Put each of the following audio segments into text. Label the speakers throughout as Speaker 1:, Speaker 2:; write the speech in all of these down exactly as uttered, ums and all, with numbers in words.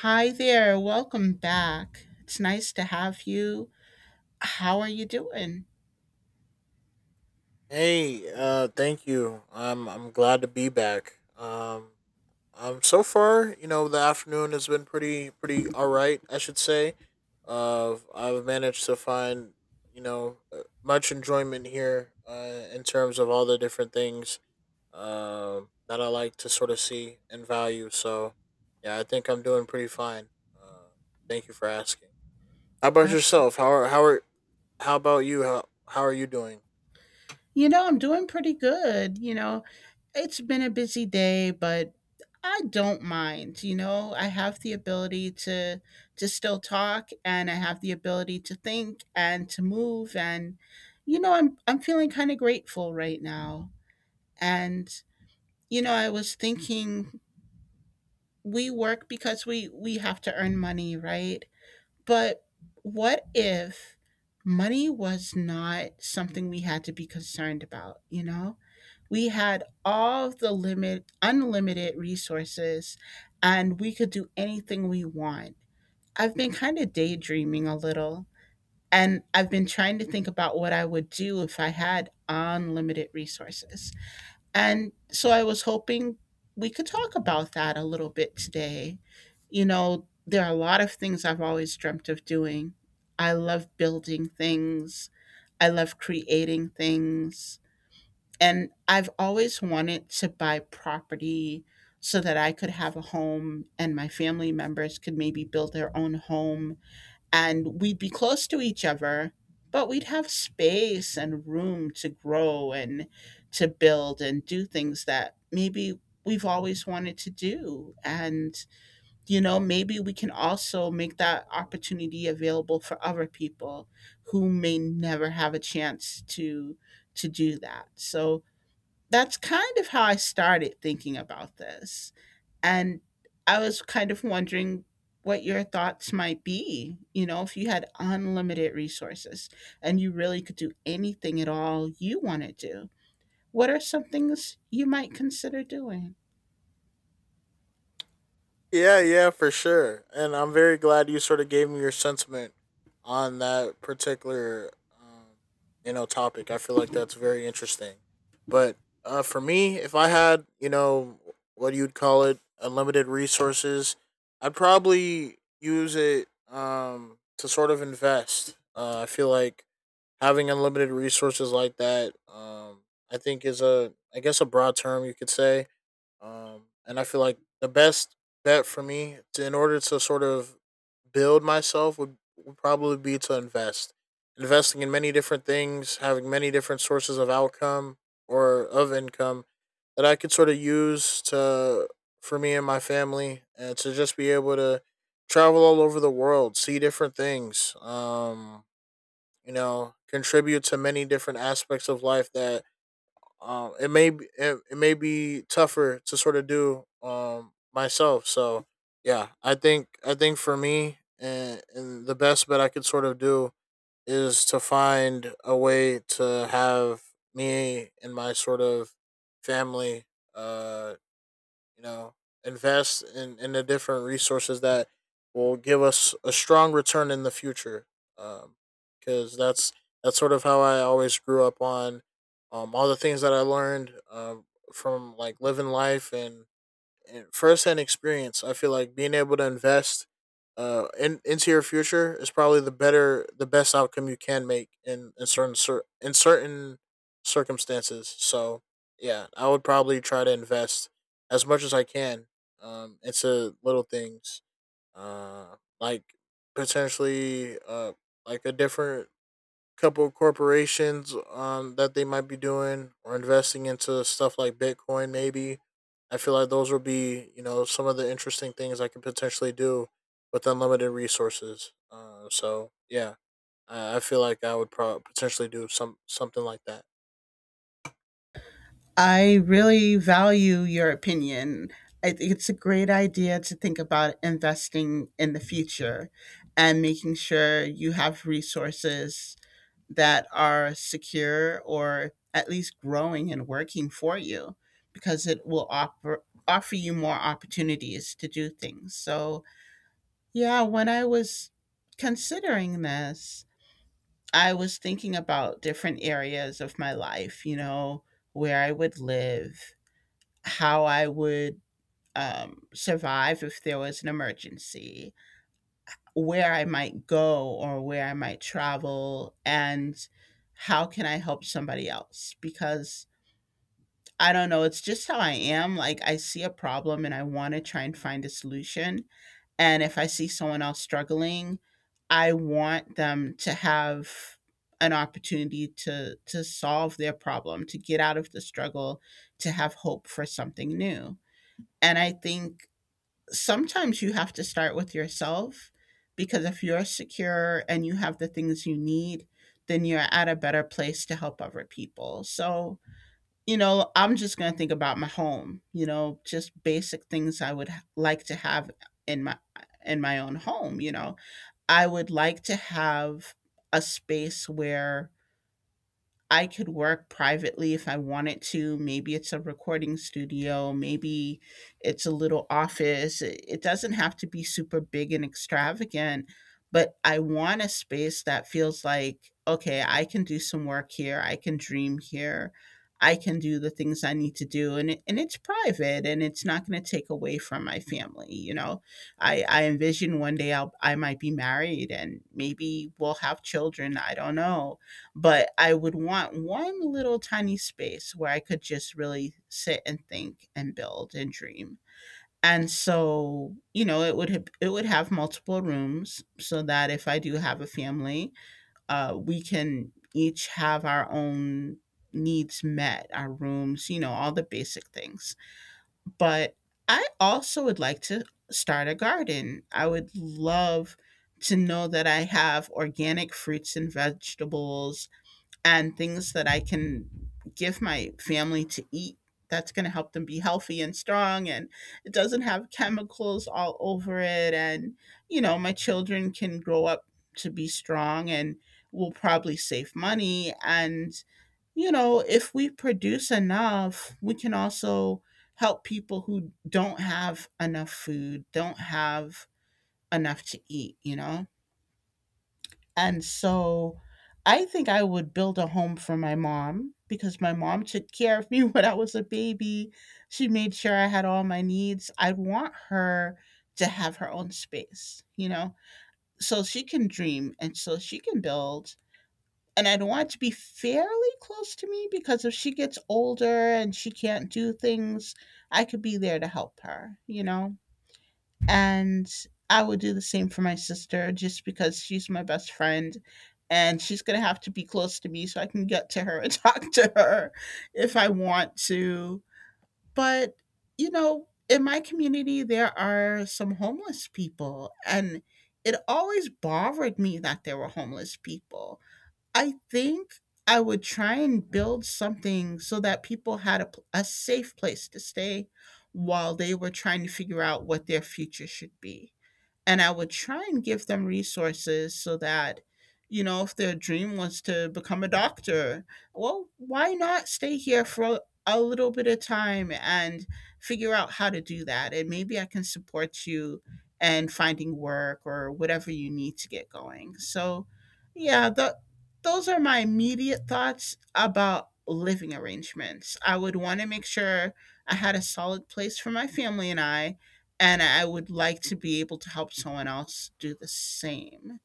Speaker 1: Hi there, welcome back. It's nice to have you. How are you doing?
Speaker 2: Hey, uh, thank you. I'm I'm glad to be back. Um, um, so far, you know, the afternoon has been pretty pretty all right, I should say. Uh, I've managed to find you know uh, much enjoyment here uh, in terms of all the different things uh, that I like to sort of see and value. So, yeah, I think I'm doing pretty fine. Uh, Thank you for asking. How about
Speaker 1: Abs-
Speaker 2: yourself? How are how are how about you? How how are you doing?
Speaker 1: You know, I'm doing pretty good. You know, it's been a busy day, but I don't mind. You know, I have the ability to to still talk and I have the ability to think and to move and you know, I'm I'm feeling kind of grateful right now. And you know, I was thinking we work because we we have to earn money, right? But what if money was not something we had to be concerned about, you know? We had all of the limit unlimited resources and we could do anything we want. I've been kind of daydreaming a little and I've been trying to think about what I would do if I had unlimited resources. And so I was hoping we could talk about that a little bit today. You know, there are a lot of things I've always dreamt of doing. I love building things, I love creating things. And I've always wanted to buy property so that I could have a home and my family members could maybe build their own home and we'd be close to each other but we'd have space and room to grow and to build and do things that maybe we've always wanted to do and you know maybe we can also make that opportunity available for other people who may never have a chance to to do that so that's kind of how I started thinking about this. And I was kind of wondering what your thoughts might be, you know, if you had unlimited resources and you really could do anything at all you want to do. What are some things you might consider doing?
Speaker 2: Yeah, yeah, for sure. And I'm very glad you sort of gave me your sentiment on that particular, um, you know, topic. I feel like that's very interesting. But uh, for me, if I had, you know, what you'd call it, unlimited resources, I'd probably use it um, to sort of invest. Uh, I feel like having unlimited resources like that, um, I think is a, I guess, a broad term you could say, um, and I feel like the best bet for me to, in order to sort of build myself would, would probably be to invest. Investing in many different things, having many different sources of outcome or of income that I could sort of use to for me and my family and to just be able to travel all over the world, see different things, um, you know, contribute to many different aspects of life that um, it may be, it, it may be tougher to sort of do um myself. So yeah, I think I think for me, and, and the best bet I could sort of do is to find a way to have me and my sort of family uh you know, invest in, in the different resources that will give us a strong return in the future. Um, Because that's that's sort of how I always grew up on um, all the things that I learned um, from like living life and and first-hand experience. I feel like being able to invest uh in, into your future is probably the better the best outcome you can make in in certain cer- in certain circumstances. So, yeah, I would probably try to invest as much as I can um into little things. Uh like potentially uh like a different couple of corporations um, that they might be doing or investing into stuff like Bitcoin, maybe. I feel like those will be, you know, some of the interesting things I can potentially do with unlimited resources. Uh, so yeah, I, I feel like I would probably potentially do some something like that.
Speaker 1: I really value your opinion. I think it's a great idea to think about investing in the future and making sure you have resources that are secure or at least growing and working for you because it will offer offer you more opportunities to do things. So, yeah, when I was considering this, I was thinking about different areas of my life, you know, where I would live, how I would um, survive if there was an emergency, where I might go or where I might travel and how can I help somebody else? Because I don't know, it's just how I am. Like I see a problem and I want to try and find a solution. And if I see someone else struggling, I want them to have an opportunity to to solve their problem, to get out of the struggle, to have hope for something new. And I think sometimes you have to start with yourself because if you're secure and you have the things you need, then you're at a better place to help other people. So, you know, I'm just going to think about my home, you know, just basic things I would like to have in my in my own home, you know. I would like to have a space where I could work privately if I wanted to. Maybe it's a recording studio, maybe it's a little office. It it doesn't have to be super big and extravagant, but I want a space that feels like, okay, I can do some work here, I can dream here, I can do the things I need to do. And, it, and it's private and it's not going to take away from my family. You know, I, I envision one day I'll, I might be married and maybe we'll have children. I don't know but I would want one little tiny space where I could just really sit and think and build and dream. And so, you know, it would have, it would have multiple rooms so that if I do have a family, uh, we can each have our own needs met, our rooms, you know, all the basic things. But I also would like to start a garden. I would love to know that I have organic fruits and vegetables and things that I can give my family to eat that's going to help them be healthy and strong and it doesn't have chemicals all over it and you know my children can grow up to be strong and will probably save money and you know if we produce enough we can also help people who don't have enough food don't have enough to eat you know and so I think I would build a home for my mom because my mom took care of me when I was a baby. She made sure I had all my needs. I want her to have her own space, you know, so she can dream and so she can build. And I'd want it to be fairly close to me because if she gets older and she can't do things, I could be there to help her, you know? And I would do the same for my sister just because she's my best friend and she's going to have to be close to me so I can get to her and talk to her if I want to. But, you know, in my community, there are some homeless people, and it always bothered me that there were homeless people. I think I would try and build something so that people had a, pl- a safe place to stay while they were trying to figure out what their future should be and I would try and give them resources so that, you know, if their dream was to become a doctor, well, why not stay here for a little bit of time and figure out how to do that? And maybe I can support you and finding work or whatever you need to get going. So, yeah, the, those are my immediate thoughts about living arrangements. I would want to make sure I had a solid place for my family and I, and I would like to be able to help someone else do the same.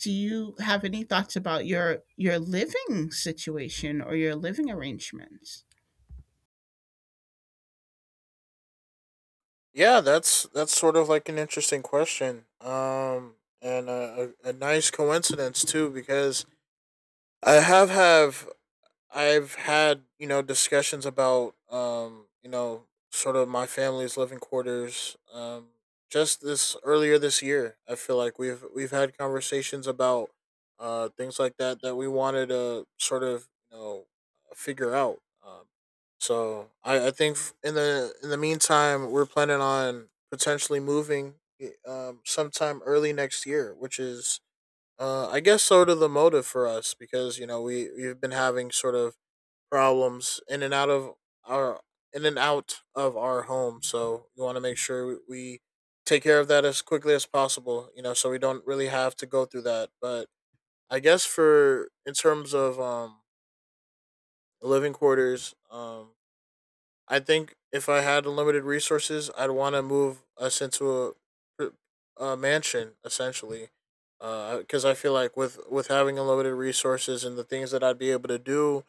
Speaker 1: Do you have any thoughts about your your living situation or your living arrangements?
Speaker 2: Yeah, that's that's sort of like an interesting question, um, and a, a, a nice coincidence too, because I have have I've had, you know, discussions about um, you know, sort of my family's living quarters. Um just this earlier this year, I feel like we've we've had conversations about uh things like that that we wanted to sort of, you know, figure out. Um so I I think f- in the in the meantime, we're planning on potentially moving eh, um sometime early next year, which is uh, I guess sort of the motive for us, because you know we we've been having sort of problems in and out of our in and out of our home. So we want to make sure we take care of that as quickly as possible. You know, so we don't really have to go through that. But I guess for in terms of um living quarters, um I think if I had unlimited resources, I'd want to move us into a, a mansion essentially. Because I feel like with with having unlimited resources and the things that I'd be able to do,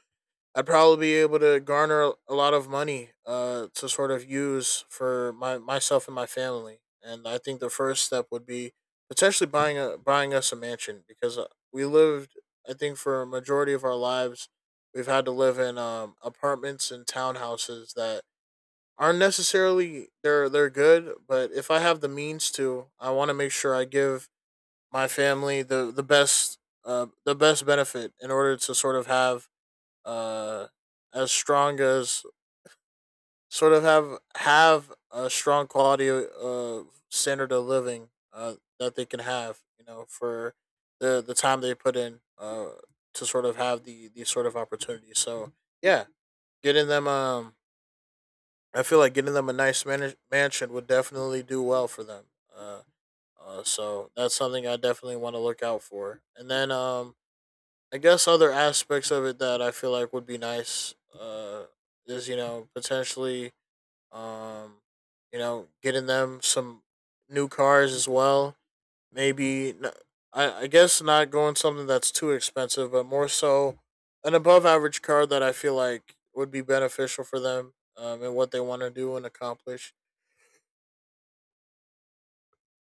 Speaker 2: I'd probably be able to garner a lot of money uh, to sort of use for my myself and my family. And I think the first step would be potentially buying a buying us a mansion, because uh, we lived, I think, for a majority of our lives, we've had to live in um, apartments and townhouses that aren't necessarily, they're they're good, but if I have the means to, I want to make sure I give my family the the best uh, the best benefit in order to sort of have uh as strong as sort of have have a strong quality of uh, standard of living uh that they can have, you know, for the the time they put in uh to sort of have the these sort of opportunities. So yeah, getting them um I feel like getting them a nice man- mansion would definitely do well for them. uh, uh so that's something I definitely want to look out for. And then um I guess other aspects of it that I feel like would be nice, uh, is you know potentially, um, you know, getting them some new cars as well. Maybe n- I I guess not going something that's too expensive, but more so an above average car that I feel like would be beneficial for them, um, and what they want to do and accomplish.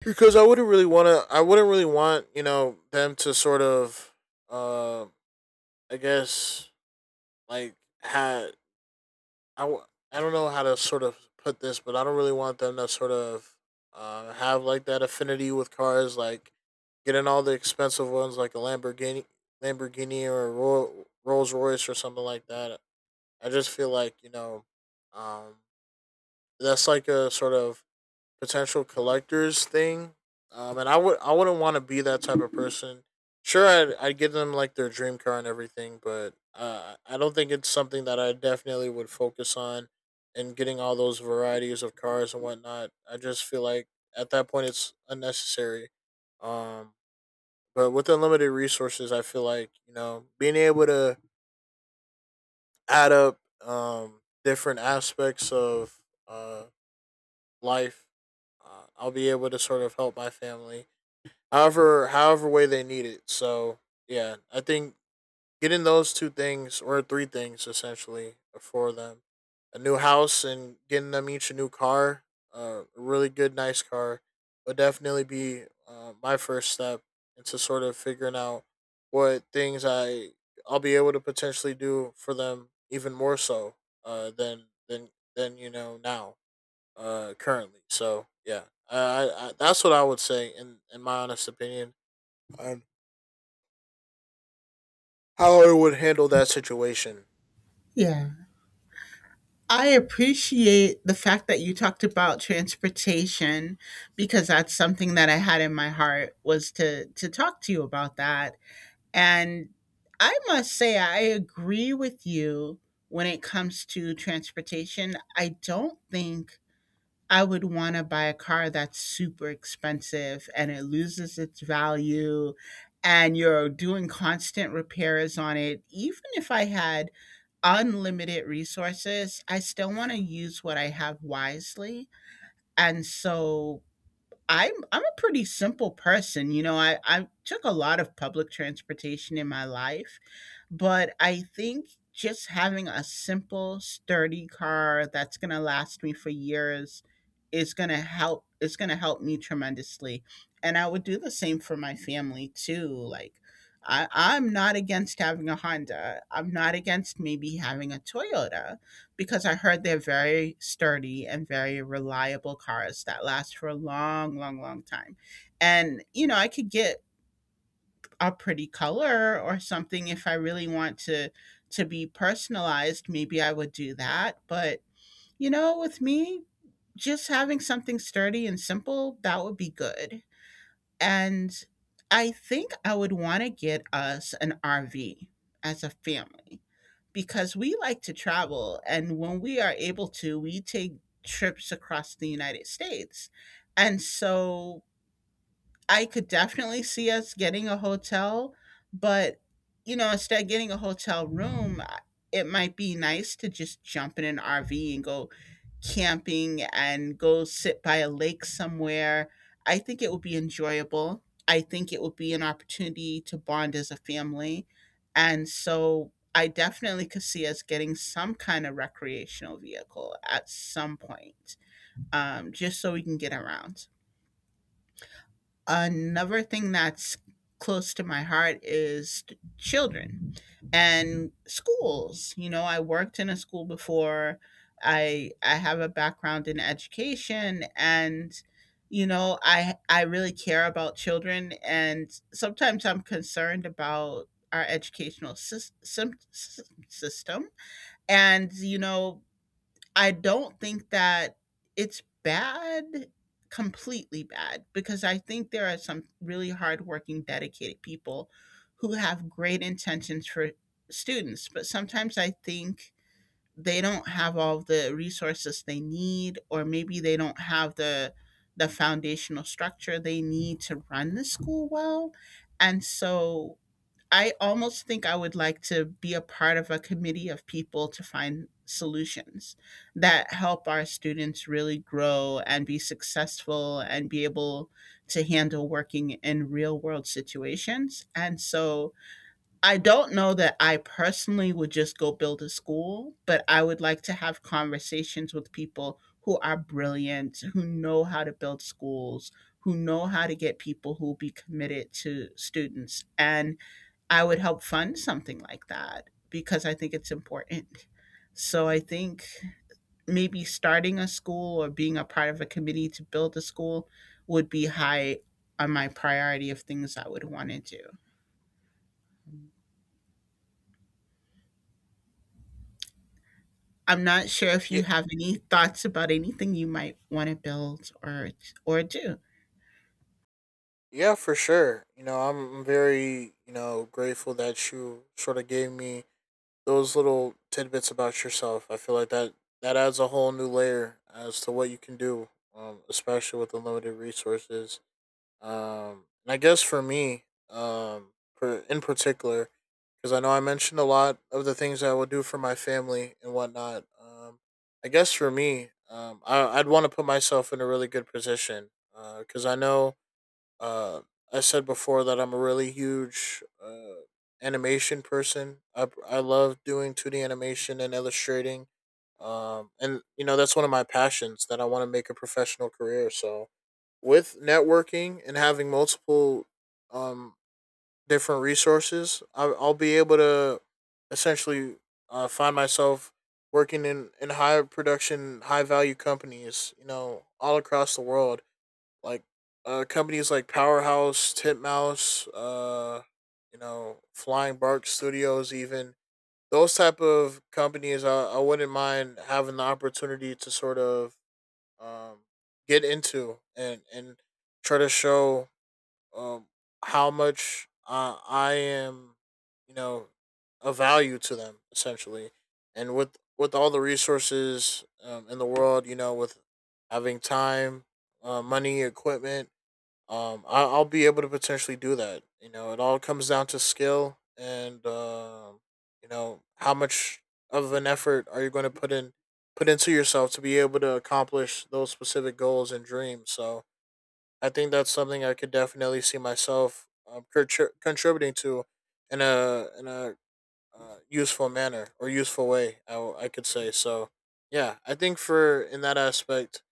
Speaker 2: Because I wouldn't really want to. I wouldn't really want, you know, them to sort of uh, I guess like had I, w- I don't know how to sort of put this, but I don't really want them to sort of uh, have like that affinity with cars, like getting all the expensive ones, like a Lamborghini, Lamborghini or a Ro- Rolls Royce or something like that. I just feel like, you know, um, that's like a sort of potential collectors thing. Um, and I would I wouldn't want to be that type of person. Sure, I'd I'd give them like their dream car and everything, but uh, I don't think it's something that I definitely would focus on, and getting all those varieties of cars and whatnot. I just feel like at that point it's unnecessary. Um, but with unlimited resources, I feel like, you know, being able to add up, um, different aspects of uh, life, uh, I'll be able to sort of help my family however however way they need it. So yeah, I think getting those two things or three things essentially for them, a new house and getting them each a new car, uh, a really good nice car, would definitely be uh, my first step into sort of figuring out what things I I'll be able to potentially do for them even more so uh, than than than you know now, uh, currently. So yeah, I, I, I that's what I would say in in my honest opinion on how I would handle that situation.
Speaker 1: Yeah. I appreciate the fact that you talked about transportation because that's something that I had in my heart was to to talk to you about that. And I must say I agree with you when it comes to transportation. I don't think I would wanna buy a car that's super expensive and it loses its value and you're doing constant repairs on it. Even if I had unlimited resources, I still wanna use what I have wisely. And so I'm I'm a pretty simple person, you know. I I took a lot of public transportation in my life, but I think just having a simple, sturdy car that's gonna last me for years is gonna help. It's gonna help me tremendously, and I would do the same for my family too. Like, I I'm not against having a Honda. I'm not against maybe having a Toyota because I heard they're very sturdy and very reliable cars that last for a long, long, long time. And you know, I could get a pretty color or something if I really want to to be personalized, maybe I would do that, but you know, with me just having something sturdy and simple, that would be good. And I think I would want to get us an R V as a family because we like to travel. And when we are able to, we take trips across the United States. And so I could definitely see us getting a hotel, but you know, instead of getting a hotel room, I- it might be nice to just jump in an R V and go camping and go sit by a lake somewhere. I think it would be enjoyable. I think it would be an opportunity to bond as a family. And so I definitely could see us getting some kind of recreational vehicle at some point, um, just so we can get around. Another thing that's close to my heart is t- children and schools. You know, I worked in a school before. I I have a background in education and you know, I I really care about children and sometimes I'm concerned about our educational sys- sym- sys- system and you know I don't think that it's bad, completely bad, because I think there are some really hardworking, dedicated people who have great intentions for students. But sometimes I think they don't have all the resources they need, or maybe they don't have the the foundational structure they need to run the school well. And so I almost think I would like to be a part of a committee of people to find solutions that help our students really grow and be successful and be able to handle working in real world situations. And so I don't know that I personally would just go build a school, but I would like to have conversations with people who are brilliant, who know how to build schools, who know how to get people who will be committed to students. And I would help fund something like that because I think it's important. So I think maybe starting a school or being a part of a committee to build a school would be high on my priority of things I would want to do. I'm not sure if
Speaker 2: Yeah,
Speaker 1: you have any thoughts about anything you might want to build or or do.
Speaker 2: yeah, for sure. You know, I'm very, you know, grateful that you sort of gave me those little tidbits about yourself. I feel like that that adds a whole new layer as to what you can do, um, especially with unlimited resources. Um, and I guess for me, um, per, in particular, because I know I mentioned a lot of the things I would do for my family and whatnot. Um, I guess for me, um, I, I'd want to put myself in a really good position, because I know, uh, I said before that I'm a really huge uh, animation person. I, I love doing two D animation and illustrating. Um, and, you know, that's one of my passions that I want to make a professional career. So with networking and having multiple um, different resources, I'll, I'll be able to essentially uh, find myself working in, in high production, high value companies, you know, all across the world. Like uh, companies like Powerhouse, Titmouse, uh, you know, Flying Bark Studios, even those type of companies, I, I wouldn't mind having the opportunity to sort of um, get into, and and try to show um, how much uh, I am, you know, of value to them essentially, and with with all the resources um, in the world, you know, with having time, uh, money, equipment, um, I, I'll be able to potentially do that. You know, it all comes down to skill and um, you know, how much of an effort are you going to put in put into yourself to be able to accomplish those specific goals and dreams. So I think that's something I could definitely see myself um, contri- contributing to in a in a uh, useful manner or useful way. I, w- I could say so. Yeah, I think for in that aspect,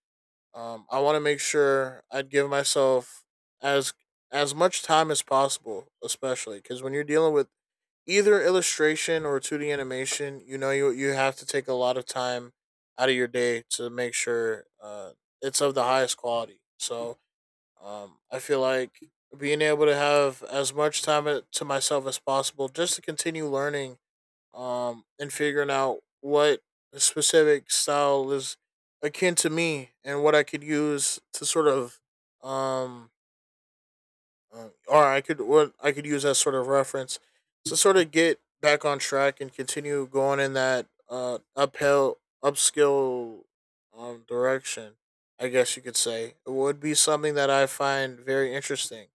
Speaker 2: um, I want to make sure I'd give myself as as much time as possible, especially because when you're dealing with either illustration or two D animation, you know you you have to take a lot of time out of your day to make sure uh, it's of the highest quality. So um, I feel like being able to have as much time a- to myself as possible just to continue learning, um, and figuring out what specific style is akin to me and what I could use to sort of um, um, or I could what I could use as sort of reference to sort of get back on track and continue going in that uh uphill upskill um direction. I guess you could say it would be something that I find very interesting.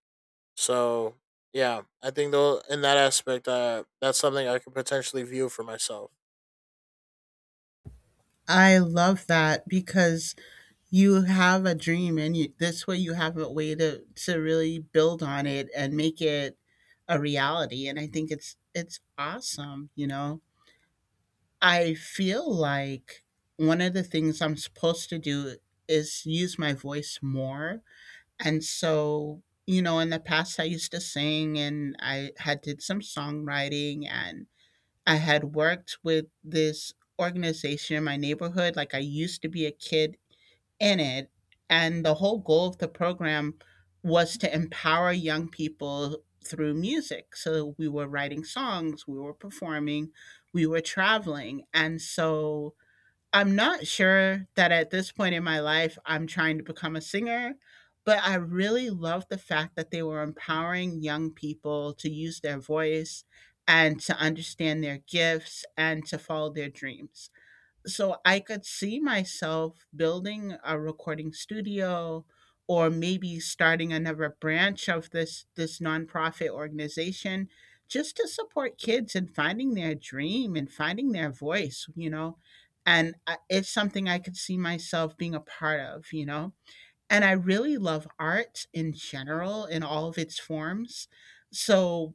Speaker 2: So yeah, I think though in that aspect, uh, that's something I could potentially view for myself.
Speaker 1: I love that because you have a dream and you, this way you have a way to to really build on it and make it a reality. And I think it's it's awesome, you know. I feel like one of the things I'm supposed to do is use my voice more. And so, you know, in the past I used to sing and I had did some songwriting, and I had worked with this organization in my neighborhood. Like I used to be a kid in it. And the whole goal of the program was to empower young people through music. So we were writing songs, we were performing, we were traveling. And so I'm not sure that at this point in my life I'm trying to become a singer, but I really love the fact that they were empowering young people to use their voice and to understand their gifts and to follow their dreams. So I could see myself building a recording studio or maybe starting another branch of this this nonprofit organization just to support kids in finding their dream and finding their voice, you know. And I- it's something I could see myself being a part of, you know. And I really love art in general in all of its forms. So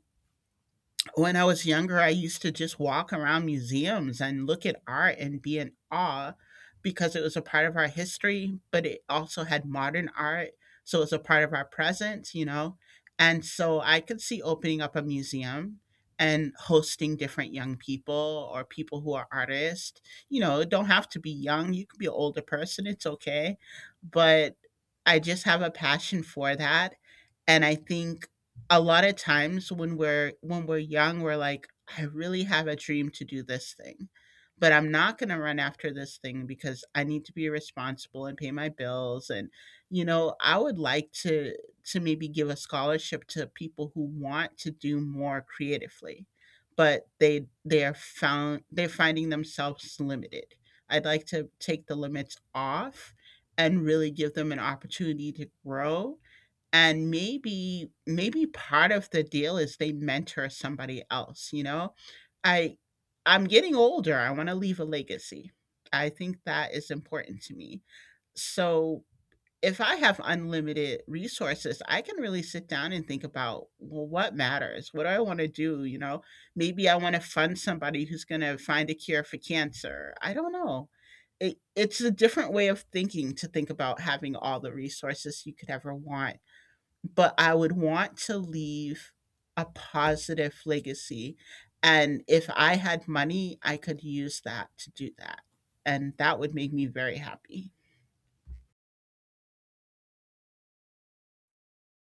Speaker 1: when I was younger, I used to just walk around museums and look at art and be in awe because it was a part of our history, but it also had modern art. So it was a part of our present, you know? And so I could see opening up a museum and hosting different young people or people who are artists. You know, it don't have to be young. You could be an older person. It's okay. But I just have a passion for that. And I think a lot of times when we're when we're young, we're like, I really have a dream to do this thing, but I'm not going to run after this thing because I need to be responsible and pay my bills. And you know, I would like to to maybe give a scholarship to people who want to do more creatively, but they they are found, they're finding themselves limited. I'd like to take the limits off and really give them an opportunity to grow. And maybe maybe part of the deal is they mentor somebody else, you know? I I'm getting older, I wanna leave a legacy. I think that is important to me. So, if I have unlimited resources, I can really sit down and think about, well, what matters? What do I wanna do, you know? Maybe I wanna fund somebody who's gonna find a cure for cancer. I don't know. It it's a different way of thinking, to think about having all the resources you could ever want, but I would want to leave a positive legacy. And if I had money, I could use that to do that. And that would make me very happy.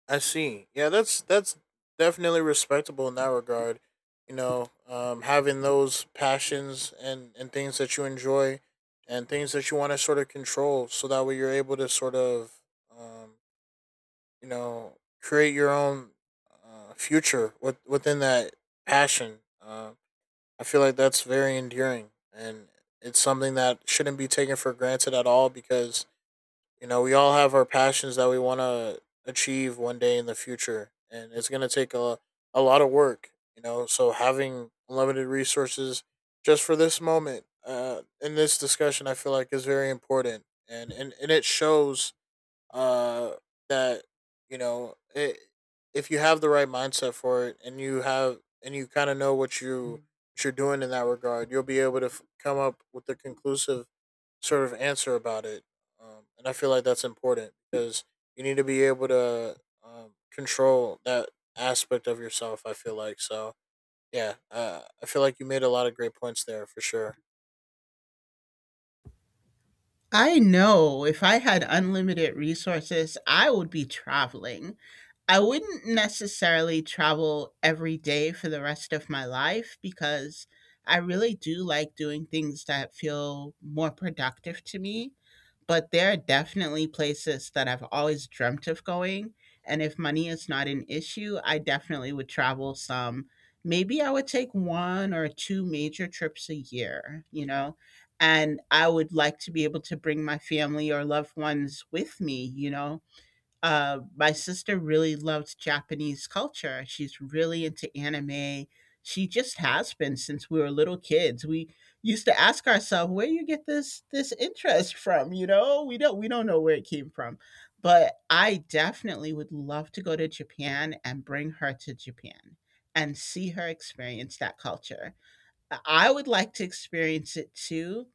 Speaker 2: I see. Yeah, that's that's definitely respectable in that regard. You know, um, having those passions and and things that you enjoy, and things that you want to sort of control, so that way you're able to sort of, um, you know, create your own uh, future with, within that passion. Uh, I feel like that's very endearing, and it's something that shouldn't be taken for granted at all because you know, we all have our passions that we want to achieve one day in the future, and it's going to take a, a lot of work, you know. So, having limited resources just for this moment uh, in this discussion, I feel like is very important. And, and, and it shows uh, that, you know, it, if you have the right mindset for it and you have, and you kind of know what you what you're doing in that regard, you'll be able to f- come up with a conclusive sort of answer about it. Um, and I feel like that's important because you need to be able to, um, control that aspect of yourself. I feel like so. Yeah, uh, I feel like you made a lot of great points there for sure.
Speaker 1: I know if I had unlimited resources, I would be traveling. I wouldn't necessarily travel every day for the rest of my life because I really do like doing things that feel more productive to me. But there are definitely places that I've always dreamt of going. And if money is not an issue, I definitely would travel some. Maybe I would take one or two major trips a year, you know? And I would like to be able to bring my family or loved ones with me, you know? Uh, my sister really loves Japanese culture. She's really into anime. She just has been since we were little kids. We used to ask ourselves, where you get this this interest from? You know, we don't we don't know where it came from. But I definitely would love to go to Japan and bring her to Japan and see her experience that culture. I would like to experience it too,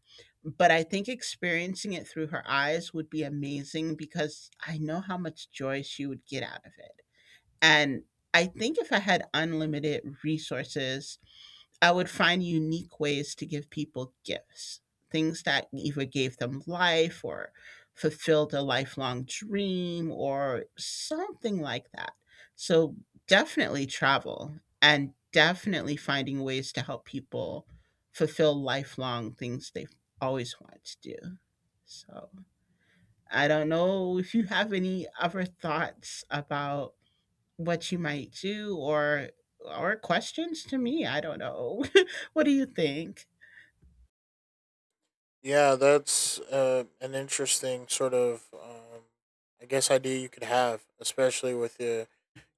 Speaker 1: but I think experiencing it through her eyes would be amazing because I know how much joy she would get out of it. And I think if I had unlimited resources, I would find unique ways to give people gifts, things that either gave them life or fulfilled a lifelong dream or something like that. So definitely travel, and definitely finding ways to help people fulfill lifelong things they've always wanted to do. So I don't know if you have any other thoughts about what you might do or or questions to me. I don't know. What do you think?
Speaker 2: Yeah, that's uh, an interesting sort of, um, I guess, idea you could have, especially with the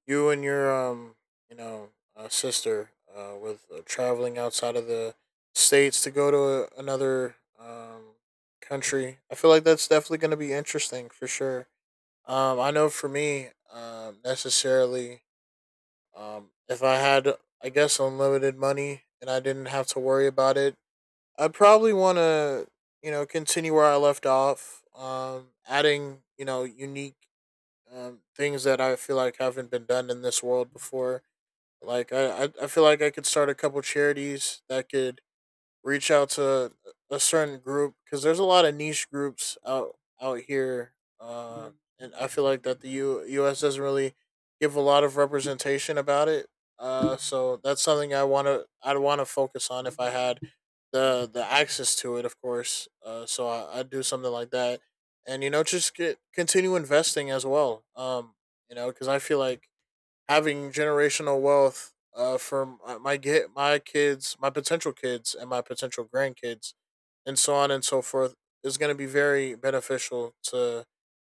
Speaker 2: you and your um you know, uh, sister, uh, with, uh, traveling outside of the states to go to a, another um country. I feel like that's definitely going to be interesting for sure. um I know for me, um necessarily, um if I had, I guess, unlimited money and I didn't have to worry about it, I'd probably want to, you know, continue where I left off, um adding, you know, unique, um, things that I feel like haven't been done in this world before. Like I, I I feel like I could start a couple charities that could reach out to a certain group because there's a lot of niche groups out out here, uh, and I feel like that the U, U.S. doesn't really give a lot of representation about it. Uh, so that's something I want to I'd want to focus on if I had the the access to it, of course. Uh, so I, I'd do something like that, and you know, just get continue investing as well. Um, you know, because I feel like having generational wealth, uh, for my, my get my kids, my potential kids, and my potential grandkids, and so on and so forth, is going to be very beneficial to,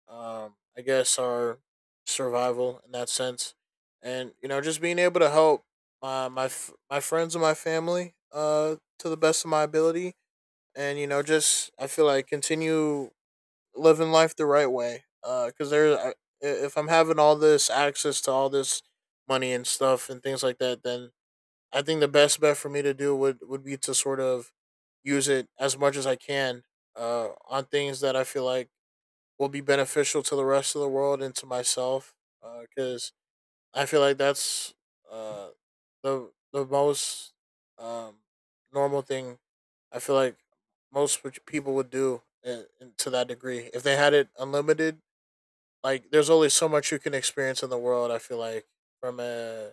Speaker 2: um, I guess, our survival in that sense, and you know, just being able to help my my f- my friends and my family, uh, to the best of my ability, and you know, just I feel like continue living life the right way. Because uh, there, if I'm having all this access to all this money and stuff and things like that, then I think the best bet for me to do would would be to sort of use it as much as I can, uh, on things that I feel like will be beneficial to the rest of the world and to myself. Because I feel like that's uh the the most um normal thing. I feel like most which people would do in, in, to that degree if they had it unlimited. Like, there's only so much you can experience in the world. I feel like from a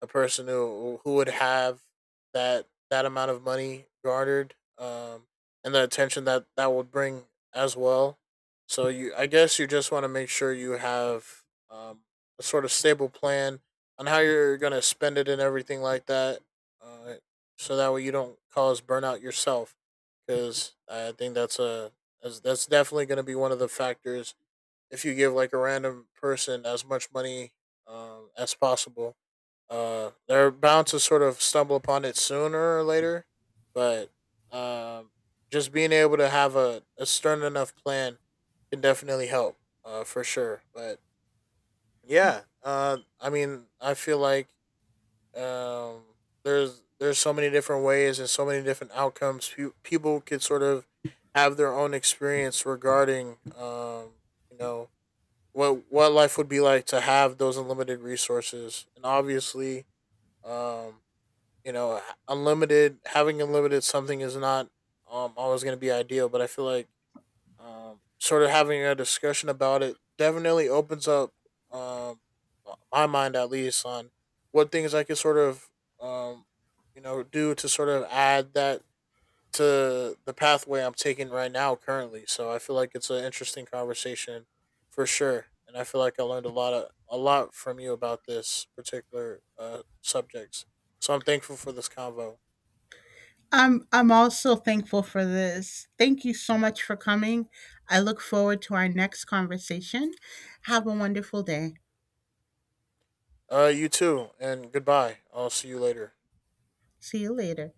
Speaker 2: a person who who would have that that amount of money garnered, um, and the attention that that would bring as well. So you, I guess you just want to make sure you have, um, a sort of stable plan on how you're gonna spend it and everything like that, uh, so that way you don't cause burnout yourself. Because I think that's a that's, that's definitely gonna be one of the factors if you give like a random person as much money, um, as possible, uh, they're bound to sort of stumble upon it sooner or later. But, um, just being able to have a, a stern enough plan can definitely help, uh, for sure. But yeah, uh, I mean, I feel like, um, there's there's so many different ways and so many different outcomes. Pe- people could sort of have their own experience regarding, um, you know, what what life would be like to have those unlimited resources, and obviously, um you know, unlimited having unlimited something is not um always going to be ideal. But I feel like um sort of having a discussion about it definitely opens up, um my mind, at least, on what things I could sort of, um you know, do to sort of add that to the pathway I'm taking right now currently. So I feel like it's an interesting conversation for sure, and I feel like I learned a lot of a lot from you about this particular, uh, subjects. So I'm thankful for this convo.
Speaker 1: I'm I'm also thankful for this. Thank you so much for coming. I look forward to our next conversation. Have a wonderful day.
Speaker 2: Uh, you too, and goodbye. I'll see you later.
Speaker 1: See you later.